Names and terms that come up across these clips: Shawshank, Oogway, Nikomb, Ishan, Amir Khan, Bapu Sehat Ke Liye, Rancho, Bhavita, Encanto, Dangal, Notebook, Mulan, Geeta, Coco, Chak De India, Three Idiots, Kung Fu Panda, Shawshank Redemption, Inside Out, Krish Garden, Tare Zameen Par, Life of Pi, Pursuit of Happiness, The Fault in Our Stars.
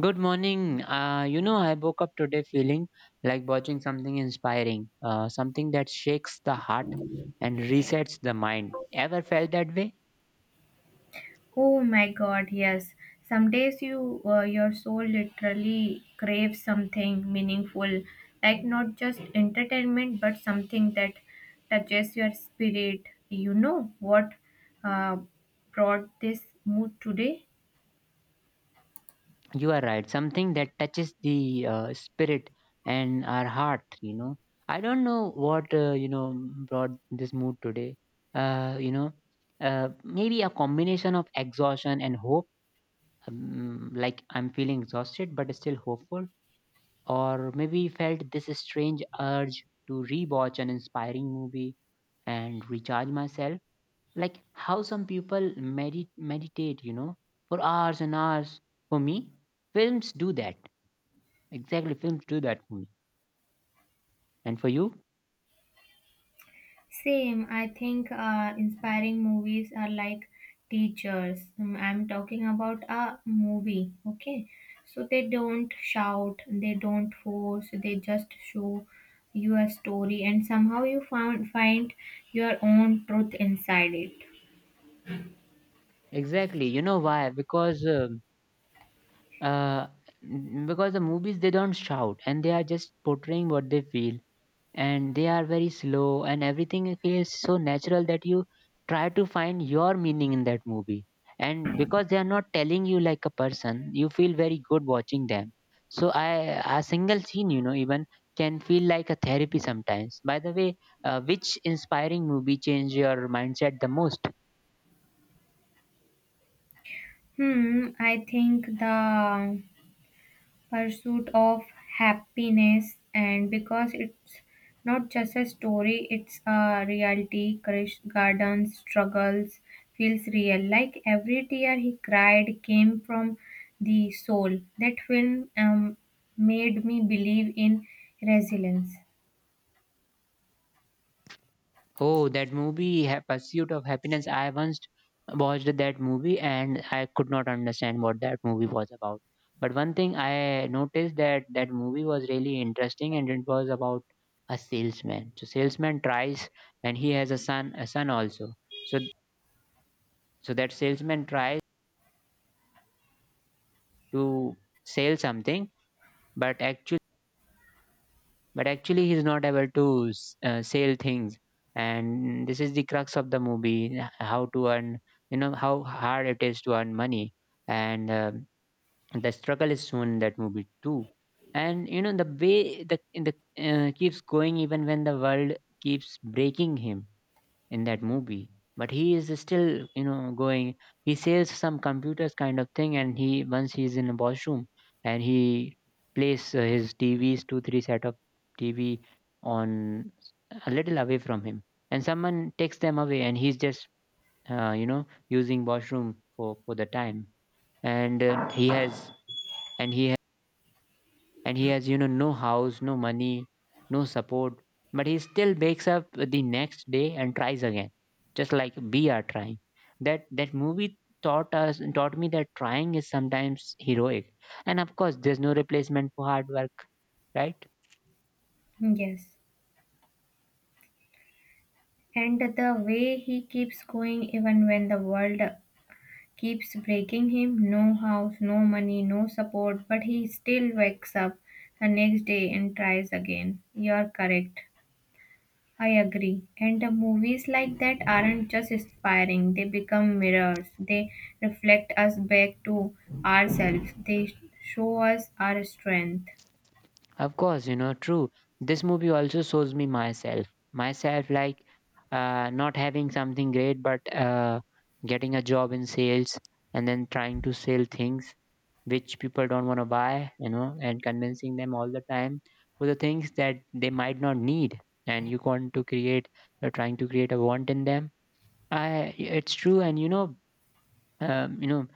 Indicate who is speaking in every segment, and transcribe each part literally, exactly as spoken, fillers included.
Speaker 1: Good morning. Uh, you know, I woke up today feeling like watching something inspiring, uh, something that shakes the heart and resets the mind. Ever felt that way?
Speaker 2: Oh my God, yes. Some days you uh, your soul literally craves something meaningful, like not just entertainment, but something that touches your spirit. You know what uh, brought this mood today?
Speaker 1: You are right. Something that touches the uh, spirit and our heart, you know. I don't know what, uh, you know, brought this mood today. Uh, you know, uh, Maybe a combination of exhaustion and hope. Um, like I'm feeling exhausted, but still hopeful, or maybe felt this strange urge to rewatch an inspiring movie and recharge myself, like how some people medit- meditate you know for hours and hours. For me, films do that. Exactly, films do that for me. And for you?
Speaker 2: Same. I think uh, inspiring movies are like teachers. Um, I'm talking about a movie, okay? So they don't shout, they don't force, they just show you a story, and somehow you found find your own truth inside it.
Speaker 1: Exactly. You know why? Because um, uh, n- because the movies, they don't shout, and they are just portraying what they feel, and they are very slow, and everything feels so natural that you try to find your meaning in that movie. And because they are not telling you like a person, you feel very good watching them. So i a single scene, you know even, can feel like a therapy sometimes. By the way, uh, which inspiring movie changed your mindset the most?
Speaker 2: Hmm. I think the pursuit of happiness, and because it's not just a story, it's a reality. Krish Garden's struggles feels real, like every tear he cried came from the soul. That film um, made me believe in resilience.
Speaker 1: Oh, that movie, Ha- Pursuit of Happiness. I once watched that movie and I could not understand what that movie was about. But one thing I noticed, that that movie was really interesting and it was about a salesman. So salesman tries, and he has a son, a son also. So so that salesman tries to sell something, but actually but actually he's not able to s- uh, sell things. And this is the crux of the movie: h- how to earn, you know, how hard it is to earn money. And um the struggle is shown in that movie too. And you know, the way the, the uh, keeps going even when the world keeps breaking him in that movie. But he is still, you know going. He says some computers kind of thing, and he once he's in a washroom, and he plays uh, his tvs two three set of tv on, a little away from him, and someone takes them away, and he's just uh, you know using washroom for for the time. And uh, he has and he and he has, you know no house, no money, no support, but he still wakes up the next day and tries again, just like we are trying. That that movie taught us taught me that trying is sometimes heroic, and of course there's no replacement for hard work, right?
Speaker 2: Yes, and the way he keeps going even when the world keeps breaking him, no house, no money, no support, but he still wakes up the next day and tries again. You're correct. I agree. And the movies like that aren't just inspiring, they become mirrors. They reflect us back to ourselves, they show us our strength.
Speaker 1: Of course, you know, true. This movie also shows me myself. Myself, like uh, not having something great, but uh, getting a job in sales, and then trying to sell things which people don't want to buy, you know, and convincing them all the time for the things that they might not need. And you want to create, you're trying to create a want in them. I, it's true. And, you know, um, you know,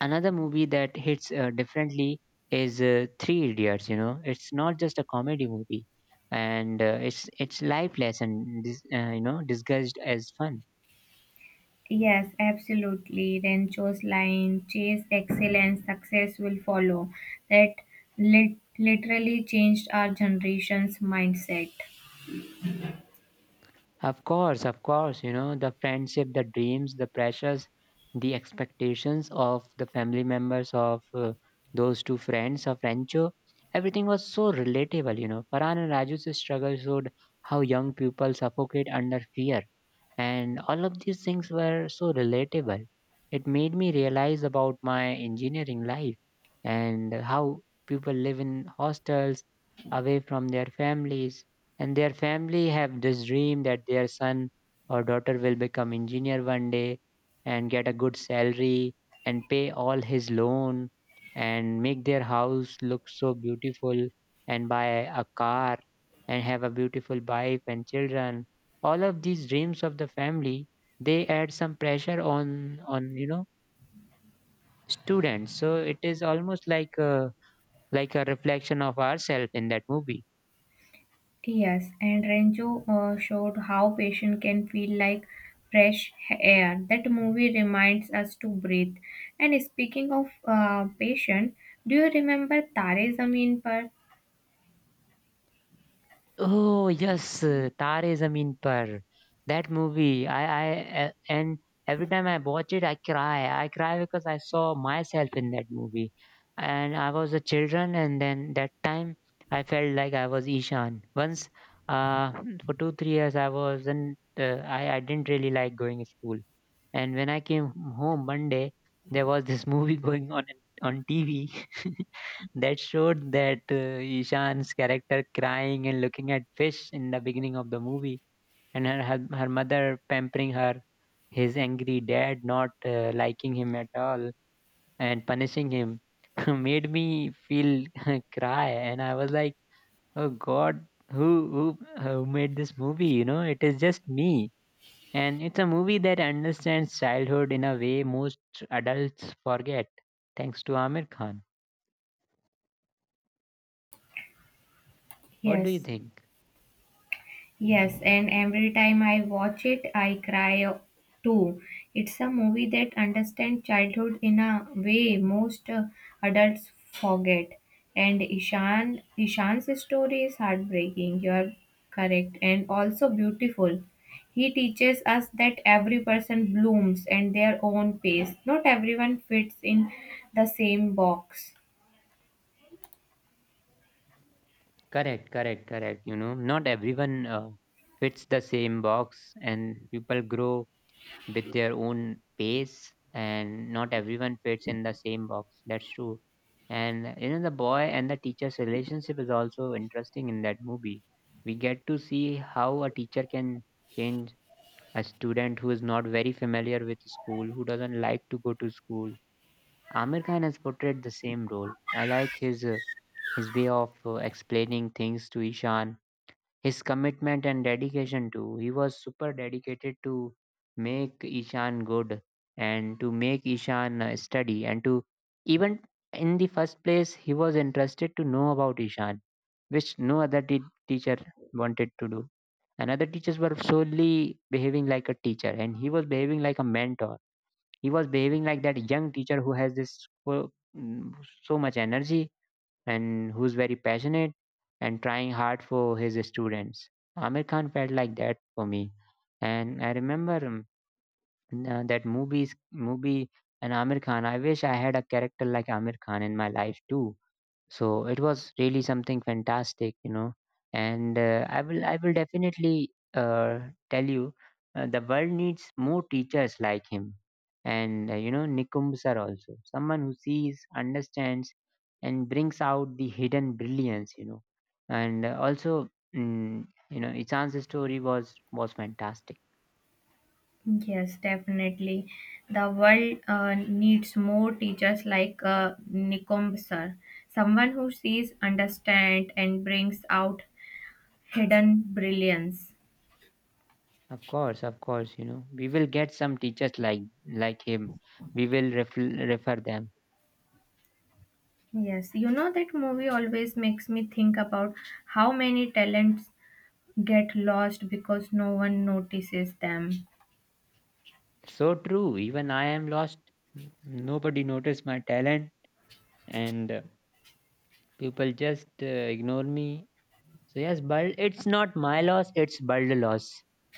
Speaker 1: Another movie that hits uh, differently is uh, Three Idiots. You know, it's not just a comedy movie, and uh, it's it's lifeless and Dis, uh, you know, disguised as fun.
Speaker 2: Yes, absolutely. Rancho's line, chase excellence, success will follow. That lit- literally changed our generation's mindset.
Speaker 1: Of course, of course. You know, the friendship, the dreams, the pressures, the expectations of the family members of uh, those two friends of Rancho. Everything was so relatable. You know, Farhan and Raju's struggle showed how young people suffocate under fear, and all of these things were so relatable. It made me realize about my engineering life, and how people live in hostels away from their families, and their family have this dream that their son or daughter will become engineer one day and get a good salary and pay all his loan and make their house look so beautiful and buy a car and have a beautiful wife and children. All of these dreams of the family, they add some pressure on on, you know students. So it is almost like a like a reflection of ourselves in that movie.
Speaker 2: Yes, and Rancho uh, showed how patient can feel like fresh air. That movie reminds us to breathe. And speaking of uh, patient, do you remember Tare Zameen Par?
Speaker 1: Oh yes, uh, Tare Zameen Par. That movie, I I, I, a- and every time I watch it, I cry. I cry because I saw myself in that movie, and I was a children, and then that time I felt like I was Ishan. Once, uh, for two three years, I wasn't. Uh, I I didn't really like going to school, and when I came home one day, there was this movie going on in- on T V, that showed that uh, Ishan's character crying and looking at fish in the beginning of the movie, and her her, her mother pampering her, his angry dad not uh, liking him at all and punishing him, made me feel cry. And I was like, oh God, who who uh, who made this movie? You know, it is just me. And it's a movie that understands childhood in a way most adults forget, thanks to Amir Khan. What do you
Speaker 2: Yes.
Speaker 1: think?
Speaker 2: Yes, and every time I watch it, I cry too. It's a movie that understands childhood in a way most uh, adults forget. And Ishan, Ishan's story is heartbreaking. You're correct, and also beautiful. He teaches us that every person blooms at their own pace. Not everyone fits in the same box.
Speaker 1: Correct, correct, correct. You know, not everyone uh, fits the same box, and people grow with their own pace, and not everyone fits in the same box. That's true. And you know, the boy and the teacher's relationship is also interesting in that movie. We get to see how a teacher can change a student who is not very familiar with school, who doesn't like to go to school. Amir Khan has portrayed the same role. I like his uh, his way of uh, explaining things to Ishan, his commitment and dedication too. He was super dedicated to make Ishan good, and to make Ishan uh, study, and to even in the first place he was interested to know about Ishan, which no other te- teacher wanted to do. And other teachers were solely behaving like a teacher, and he was behaving like a mentor. He was behaving like that young teacher who has this uh, mm, so much energy, and who's very passionate and trying hard for his students. Amir Khan felt like that for me, and I remember um, uh, that movies movie and Amir Khan. I wish I had a character like Amir Khan in my life too. So it was really something fantastic, you know. And uh, i will i will definitely uh, tell you, uh, the world needs more teachers like him. And uh, you know Nikumb sir, also someone who sees, understands, and brings out the hidden brilliance, you know and uh, also, mm, you know Ichan's story was was fantastic.
Speaker 2: Yes, definitely. The world uh, needs more teachers like uh, Nikomb sir, someone who sees, understands, and brings out hidden brilliance.
Speaker 1: Of course, of course. You know, we will get some teachers like like him. We will refer, refer them.
Speaker 2: Yes, you know that movie always makes me think about how many talents get lost because no one notices them.
Speaker 1: So true. Even I am lost. Nobody noticed my talent, and uh, people just uh, ignore me. So yes, but it's not my loss. It's Bul's loss.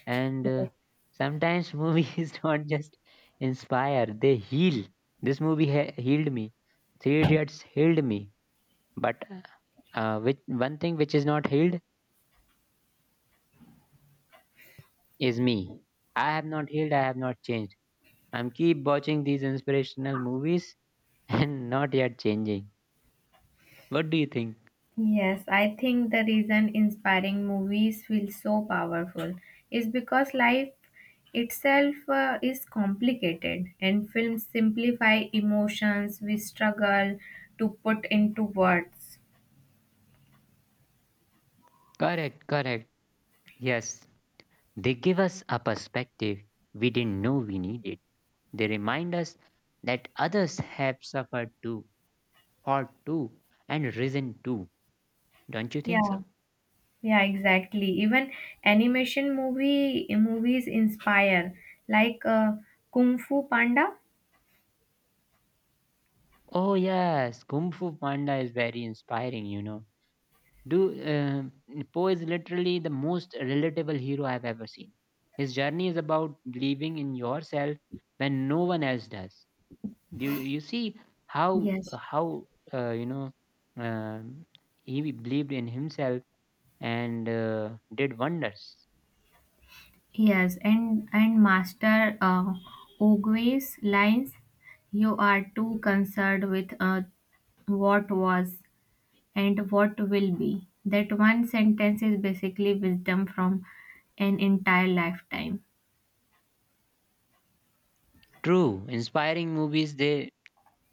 Speaker 1: And uh, sometimes movies don't just inspire; they heal. This movie he- healed me. Three Idiots healed me. But uh, which one thing which is not healed is me. I have not healed. I have not changed. I'm keep watching these inspirational movies and not yet changing. What do you think?
Speaker 2: Yes, I think the reason inspiring movies feel so powerful is because life itself uh, is complicated, and films simplify emotions we struggle to put into words.
Speaker 1: Correct, correct. Yes, they give us a perspective we didn't know we needed. They remind us that others have suffered too, fought too, and risen too. Don't you think
Speaker 2: Yeah,
Speaker 1: so?
Speaker 2: yeah, exactly. Even animation movie movies inspire, like uh, Kung Fu Panda.
Speaker 1: Oh yes, Kung Fu Panda is very inspiring. You know, do um Po is literally the most relatable hero I've ever seen. His journey is about believing in yourself when no one else does. You you see how
Speaker 2: Yes.
Speaker 1: how uh, you know um, he believed in himself and uh, did wonders.
Speaker 2: Yes, and and Master uh, Oogway's lines, you are too concerned with uh, what was and what will be. That one sentence is basically wisdom from an entire lifetime.
Speaker 1: True, inspiring movies. They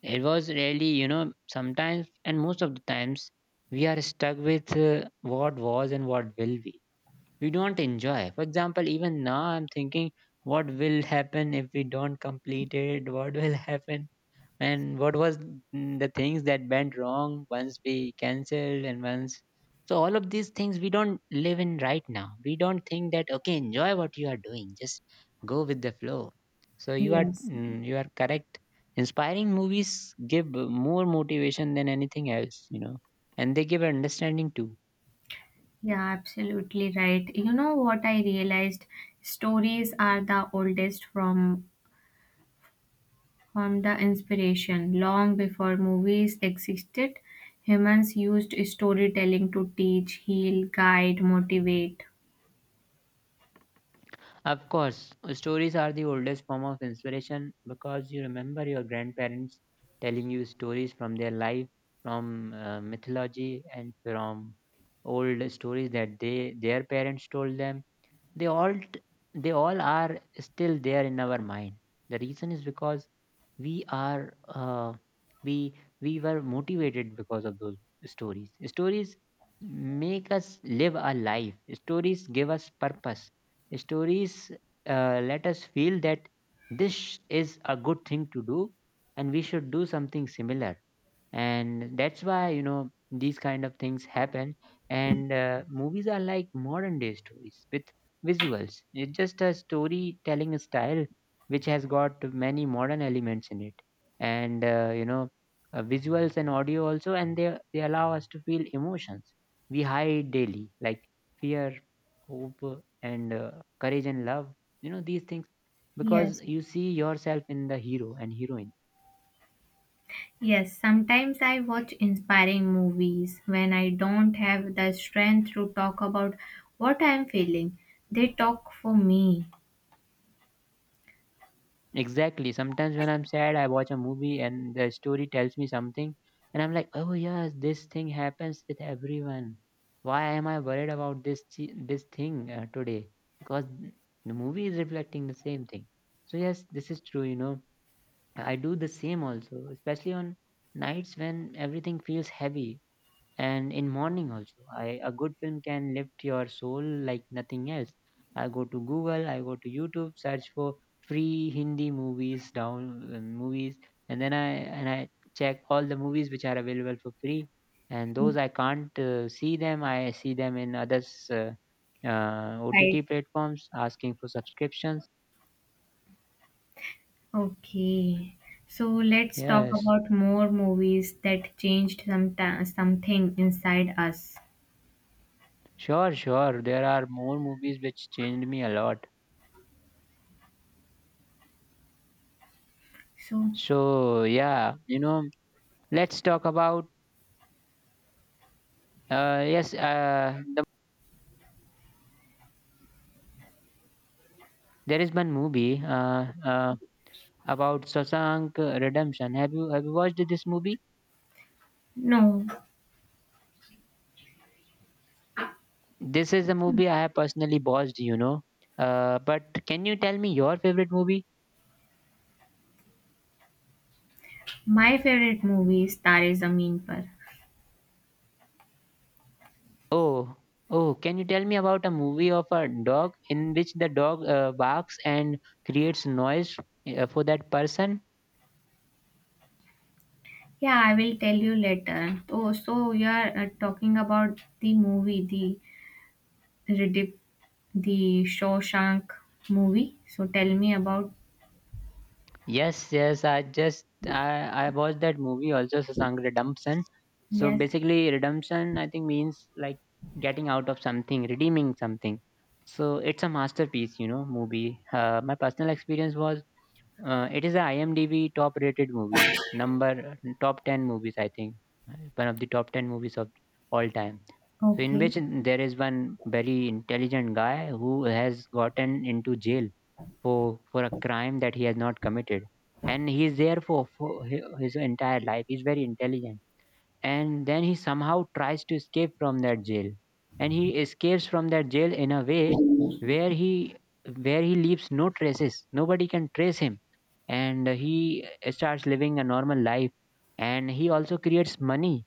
Speaker 1: It was really, you know sometimes, and most of the times, we are stuck with uh, what was and what will be. We don't enjoy. For example, even now I'm thinking, what will happen if we don't complete it? What will happen, and what was, mm, the things that went wrong once we cancelled and once. So all of these things, we don't live in right now. We don't think that, okay, enjoy what you are doing, just go with the flow. So you are
Speaker 2: Yes,
Speaker 1: mm, you are correct. Inspiring movies give more motivation than anything else, you know, and they give understanding too.
Speaker 2: yeah, absolutely right. You know what I realized? Stories are the oldest from from the inspiration. Long before movies existed, humans used storytelling to teach, heal, guide, motivate.
Speaker 1: Of course, stories are the oldest form of inspiration, because you remember your grandparents telling you stories from their life, from uh, mythology, and from old stories that they their parents told them. They all t- they all are still there in our mind. The reason is because we are uh, we we were motivated because of those stories. Stories make us live our life, stories give us purpose, stories uh, let us feel that this is a good thing to do and we should do something similar, and that's why you know these kind of things happen. And uh, movies are like modern day stories with visuals. It's just a storytelling style which has got many modern elements in it, and uh, you know uh, visuals and audio also, and they they allow us to feel emotions we hide daily, like fear, hope, and uh, courage and love, you know, these things, because
Speaker 2: Yes,
Speaker 1: you see yourself in the hero and heroine.
Speaker 2: yes. Sometimes I watch inspiring movies when I don't have the strength to talk about what I'm feeling. They talk for me.
Speaker 1: Exactly. Sometimes when I'm sad, I watch a movie and the story tells me something, and I'm like, oh yes, this thing happens with everyone. Why am I worried about this thi- this thing uh, today? Because the movie is reflecting the same thing. So yes, this is true. You know, I do the same also, especially on nights when everything feels heavy, and in morning also I, a good film can lift your soul like nothing else. I go to Google, I go to YouTube, search for free Hindi movies down uh, movies, and then i and i check all the movies which are available for free, and those i can't uh, see them, i see them in others uh, uh, OTT
Speaker 2: Right.
Speaker 1: platforms asking for subscriptions.
Speaker 2: Okay. So let's talk
Speaker 1: Yes,
Speaker 2: about more movies that changed some something inside us.
Speaker 1: sure, sure, there are more movies which changed me a lot.
Speaker 2: So,
Speaker 1: So, yeah, you know, let's talk about. Uh, yes, uh, the, there is one movie uh, uh, about Shawshank Redemption. Have you have you watched this movie?
Speaker 2: no.
Speaker 1: This is a movie I have personally watched, you know. Uh, but can you tell me your favorite movie?
Speaker 2: My favorite movie is Tare Zameen Par.
Speaker 1: Oh, oh, can you tell me about a movie of a dog in which the dog uh, barks and creates noise uh, for that person?
Speaker 2: Yeah, I will tell you later. Oh, so you are uh, talking about the movie, the Riddick, the Shawshank movie. So tell me about.
Speaker 1: Yes, yes. I just I I watched that movie also, Sasank Redemption. So
Speaker 2: Yes.
Speaker 1: basically, redemption I think means like getting out of something, redeeming something. So it's a masterpiece, you know, movie. Uh, my personal experience was uh, it is a IMDb top rated movie, number top ten movies, I think. One of the top ten movies of all time. So, in
Speaker 2: Okay.
Speaker 1: which there is one very intelligent guy who has gotten into jail for, for a crime that he has not committed. And he is there for, for hi- his entire life. He's very intelligent, and then he somehow tries to escape from that jail, and he escapes from that jail in a way where he where he leaves no traces, nobody can trace him. And he starts living a normal life, and he also creates money,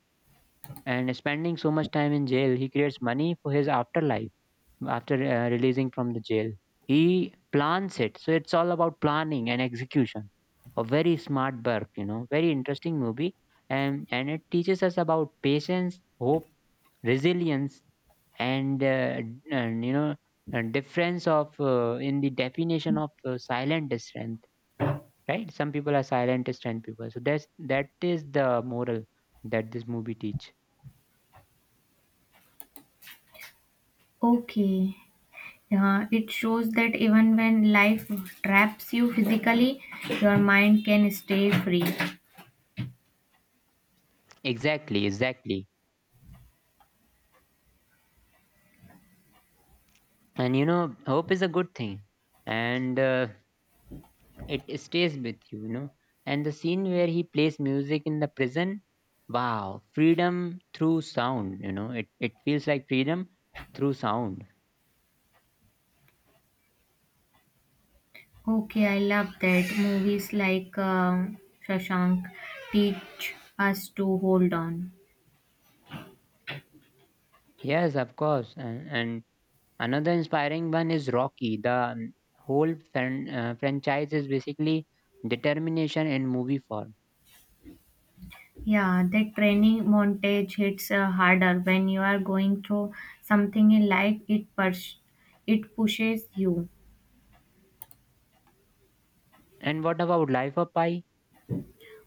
Speaker 1: and spending so much time in jail he creates money for his afterlife after uh, releasing from the jail. He plans it. So it's all about planning and execution. A very smart work, you know, very interesting movie. And, and it teaches us about patience, hope, resilience, and, uh, and you know, and difference of uh, in the definition of uh, silent strength, right? Some people are silent strength people. So that's that is the moral that this movie teach.
Speaker 2: Okay. Uh, it shows that even when life traps you physically, your mind can stay free.
Speaker 1: Exactly, exactly. And you know, hope is a good thing, and uh, it stays with you, you know. And the scene where he plays music in the prison, wow, freedom through sound, you know. It it feels like freedom through sound.
Speaker 2: Okay, I love that. Movies like um Shawshank teach us to hold on.
Speaker 1: Yes, of course. And, and another inspiring one is Rocky. The um, whole fran- uh, franchise is basically determination in movie form.
Speaker 2: Yeah, that training montage hits uh, harder when you are going through something in life. It pers- it pushes you.
Speaker 1: And what about Life of Pi?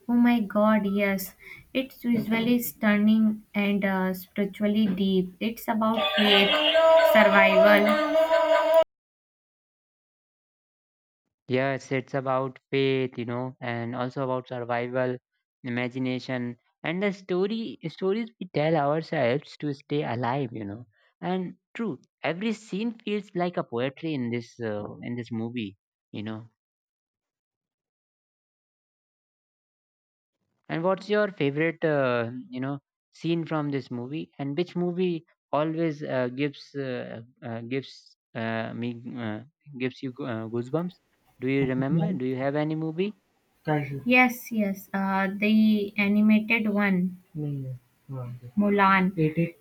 Speaker 2: Oh my God, yes. It's visually stunning and uh, spiritually deep. It's about faith, survival.
Speaker 1: Yes, it's about faith, you know, and also about survival, imagination, and the story stories we tell ourselves to stay alive, you know. And true, every scene feels like a poetry in this uh, in this movie, you know. And what's your favorite, uh, you know, scene from this movie? And which movie always uh, gives uh, uh, gives uh, me uh, gives you go- uh, goosebumps? Do you remember? Do you have any movie?
Speaker 2: Yes, yes. Uh, the animated one. Mulan.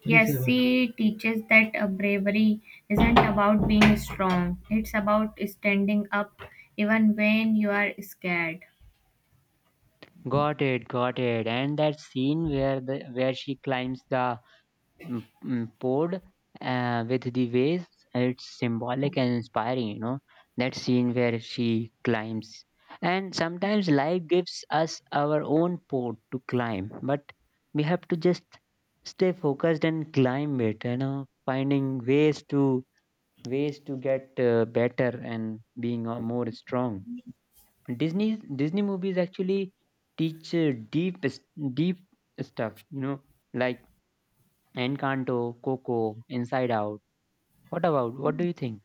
Speaker 2: Yes, she teaches that uh, bravery isn't about being strong, it's about standing up even when you are scared.
Speaker 1: Got it, got it. And that scene where the where she climbs the mm, mm, pod uh, with the waves, it's symbolic and inspiring, you know. That scene where she climbs. And sometimes life gives us our own pod to climb, but we have to just stay focused and climb it, you know, finding ways to ways to get uh, better and being uh, more strong. Disney Disney movies actually teach uh, deep s- deep stuff. You know, like Encanto, Coco, Inside Out. What about? What do you think?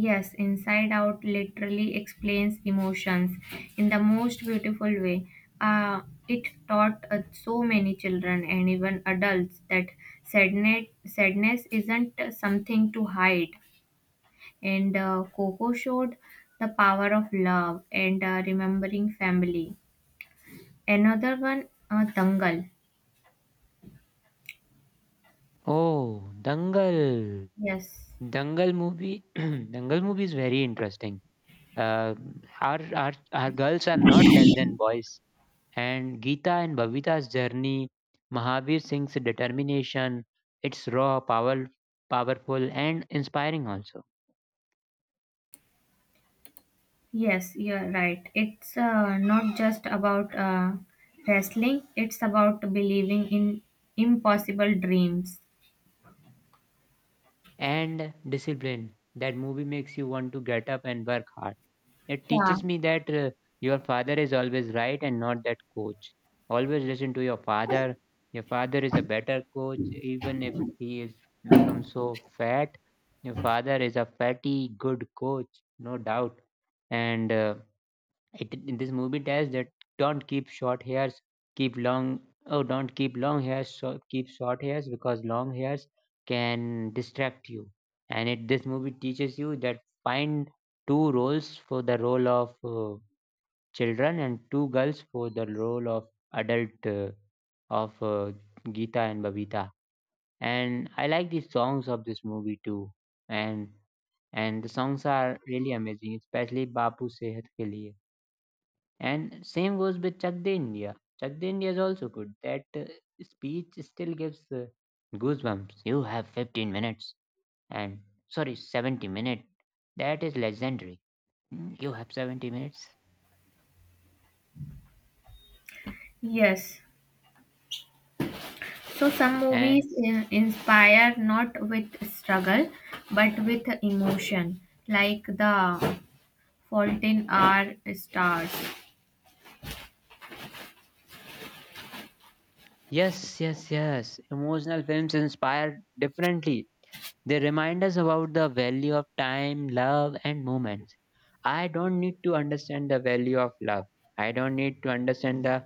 Speaker 2: Yes, Inside Out literally explains emotions in the most beautiful way. Uh, it taught uh, so many children and even adults that sadness, sadness isn't uh, something to hide. And uh, Coco showed the power of love and uh, remembering family. Another one, uh, Dangal.
Speaker 1: Oh, Dangal.
Speaker 2: Yes,
Speaker 1: Dangal movie. Dangal movie is very interesting. Uh, our, our our girls are not less than boys. And Geeta and Bhavita's journey, Mahavir Singh's determination. It's raw, power, powerful, and inspiring also.
Speaker 2: yes, you're right. It's uh, not just about uh, wrestling, it's about believing in impossible dreams.
Speaker 1: And discipline. That movie makes you want to get up and work hard. It
Speaker 2: Yeah,
Speaker 1: teaches me that uh, your father is always right and not that coach. Always listen to your father. Your father is a better coach, even if he is become so fat. Your father is a fatty, good coach, no doubt. And uh, it, in this movie tells that don't keep short hairs, keep long. Oh, don't keep long hairs. So keep short hairs because long hairs can distract you. And it this movie teaches you that find two roles for the role of uh, children and two girls for the role of adult uh, of uh, Geeta and Babita. And I like the songs of this movie too. And and the songs are really amazing, especially Bapu Sehat Ke Liye. And same goes with Chak De India. Chak De India is also good. That uh, speech still gives uh, goosebumps. You have fifteen minutes and sorry, seventy minutes. That is legendary. Mm, you have seventy minutes.
Speaker 2: yes. So some
Speaker 1: And
Speaker 2: movies uh, inspire not with struggle but with emotion, like The Fault in Our Stars.
Speaker 1: yes, yes, yes. Emotional films inspire differently. They remind us about the value of time, love, and moments. I don't need to understand the value of love. I don't need to understand the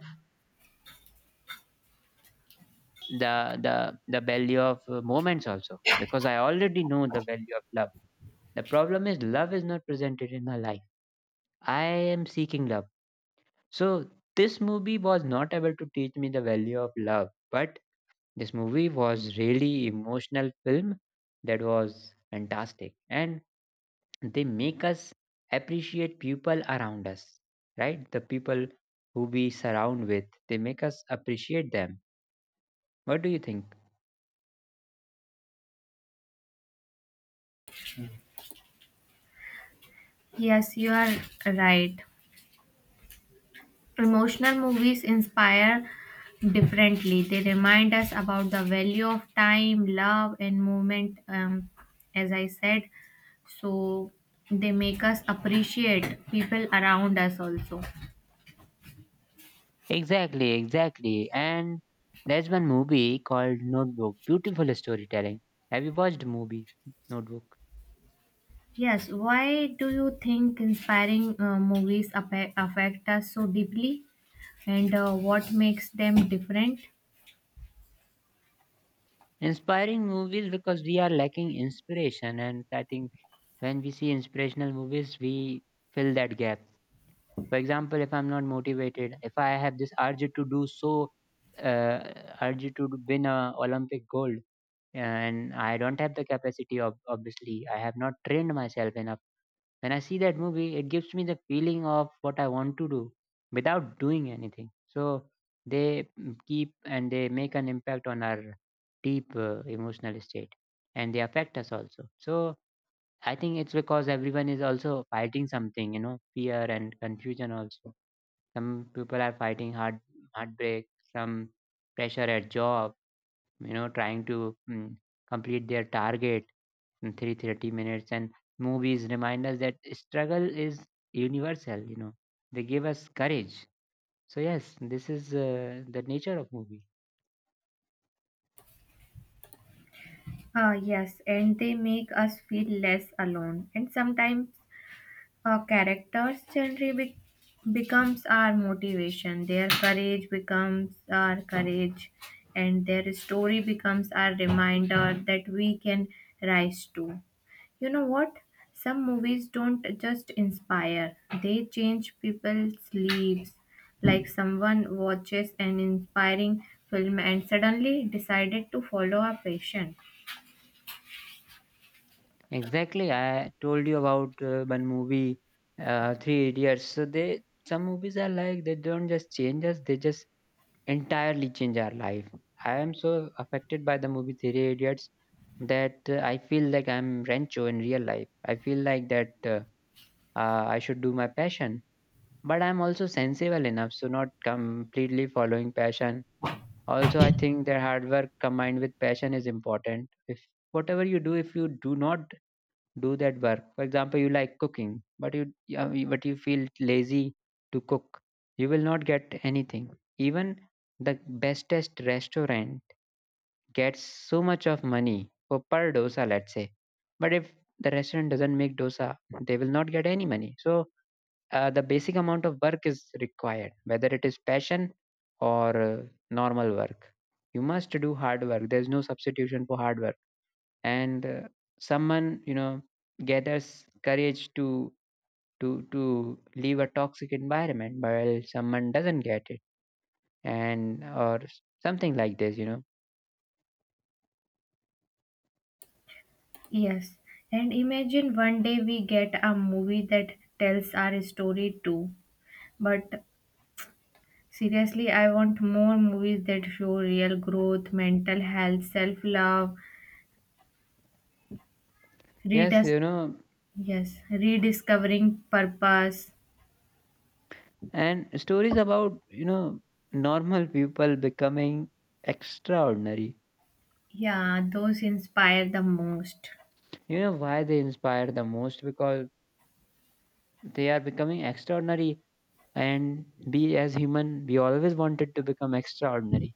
Speaker 1: the the the value of uh, moments also, because i already know the value of love. The problem is love is not presented in my life, i am seeking love. So this movie was not able to teach me the value of love, but this movie was really emotional film, that was fantastic, and they make us appreciate people around us, right? The people who we surround with, they make us appreciate them. What do you think?
Speaker 2: Yes, you are right. Emotional movies inspire differently. They remind us about the value of time, love, and movement, um, as I said. So they make us appreciate people around us also.
Speaker 1: Exactly, exactly. And there's one movie called Notebook. Beautiful storytelling. Have you watched the movie Notebook?
Speaker 2: Yes, why do you think inspiring uh, movies affe- affect us so deeply? And uh, what makes them different?
Speaker 1: Inspiring movies, because we are lacking inspiration, and I think when we see inspirational movies, we fill that gap. For example, if I'm not motivated, if I have this urge to do so, uh, urge to win a Olympic gold, and I don't have the capacity of obviously, I have not trained myself enough. When I see that movie, it gives me the feeling of what I want to do without doing anything. So they mm, keep and they make an impact on our deep uh, emotional state, and they affect us also. So I think it's because everyone is also fighting something, you know, fear and confusion also. Some people are fighting heart heartbreak, some pressure at job, you know, trying to mm, complete their target in minutes, and movies remind us that struggle is universal, you know, they give us courage. So yes, this is uh, the nature of movie.
Speaker 2: Uh, yes, and they make us feel less alone. And sometimes our characters' journey be- becomes our motivation, their courage becomes our courage, and their story becomes our reminder that we can rise too. You know what? Some movies don't just inspire, they change people's lives. Like someone watches an inspiring film and suddenly decided to follow a passion.
Speaker 1: Exactly, I told you about uh, one movie, uh, three idiots. So they some movies are like, they don't just change us, they just entirely change our life. I am so affected by the movie three idiots that uh, i feel like I'm rancho in real life, I feel like that uh, uh, i should do my passion, but I'm also sensible enough to not completely following passion. Also, I think that hard work combined with passion is important. If whatever you do, if you do not do that work, for example, you like cooking, but you yeah, you- but you feel lazy to cook, you will not get anything. Even the bestest restaurant gets so much of money for per dosa, let's say, but if the restaurant doesn't make dosa, they will not get any money. So uh, the basic amount of work is required, whether it is passion or uh, normal work, you must do hard work, there's no substitution for hard work. And uh, someone, you know, gathers courage to to to leave a toxic environment, while someone doesn't get it and or something like this, you know.
Speaker 2: Yes, and imagine one day we get a movie that tells our story too. But seriously, I want more movies that show real growth, mental health, self love,
Speaker 1: Yes,
Speaker 2: redis-
Speaker 1: you know,
Speaker 2: yes, rediscovering purpose.
Speaker 1: and stories about, you know, normal people becoming extraordinary.
Speaker 2: Yeah, those inspire the most.
Speaker 1: You know why they inspire the most? Because they are becoming extraordinary, and we as human we always wanted to become extraordinary,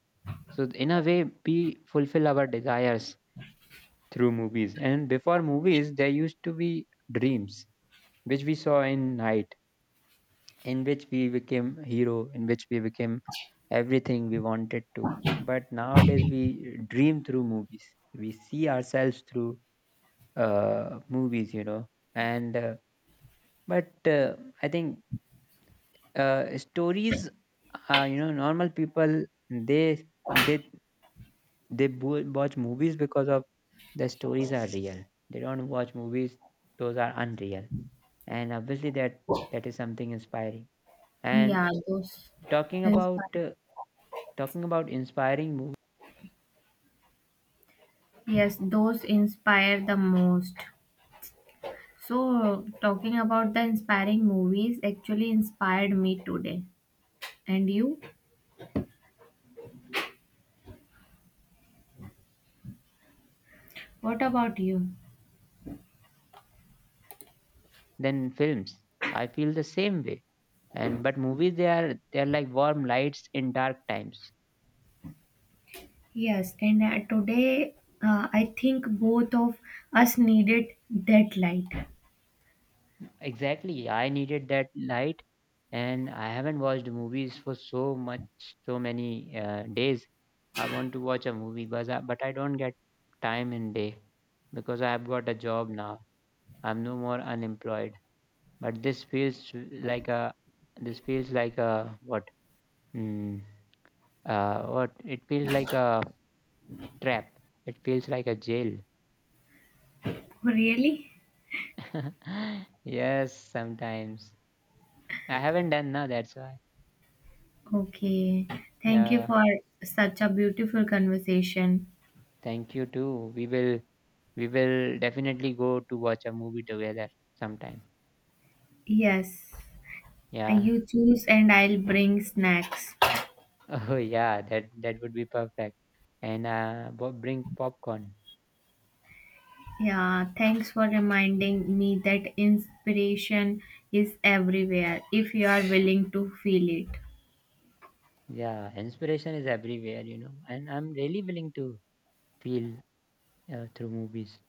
Speaker 1: so in a way we fulfill our desires through movies. And before movies there used to be dreams which we saw in night, in which we became hero, in which we became everything we wanted to. But nowadays we dream through movies, we see ourselves through uh, movies, you know. And uh, but uh, i think uh, stories uh, you know normal people, they they they bo- watch movies because of the stories are real, they don't watch movies those are unreal, and obviously that that is something inspiring.
Speaker 2: Yeah,
Speaker 1: And
Speaker 2: those
Speaker 1: talking
Speaker 2: inspire.
Speaker 1: about uh, talking about inspiring movies
Speaker 2: Yes, those inspire the most. So, talking about the inspiring movies actually inspired me today. And you? What about you?
Speaker 1: than films, I feel the same way. And but movies, they are they are like warm lights in dark times.
Speaker 2: Yes, and uh, today uh, I think both of us needed that light.
Speaker 1: Exactly. I needed that light, and I haven't watched movies for so much, so many uh, days. I want to watch a movie, but I, but I don't get time in day because I've got a job now. I'm no more unemployed. But this feels like a, this feels like a what? Mm, uh, what? It feels like a trap. It feels like a jail.
Speaker 2: Really?
Speaker 1: Yes, sometimes I haven't done now. That's why.
Speaker 2: Okay, thank you
Speaker 1: Yeah.
Speaker 2: for such a beautiful conversation.
Speaker 1: Thank you too. We will We will definitely go to watch a movie together sometime.
Speaker 2: Yes, uh,
Speaker 1: Yeah.
Speaker 2: you choose and I'll bring snacks.
Speaker 1: Oh yeah, that that would be perfect. And uh, bo- bring popcorn.
Speaker 2: Yeah, thanks for reminding me that inspiration is everywhere if you are willing to feel it.
Speaker 1: Yeah, inspiration is everywhere, you know. And I'm really willing to feel uh, through movies.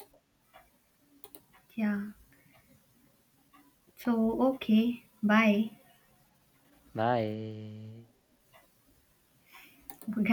Speaker 2: Yeah, so okay, bye.
Speaker 1: Bye.
Speaker 2: Good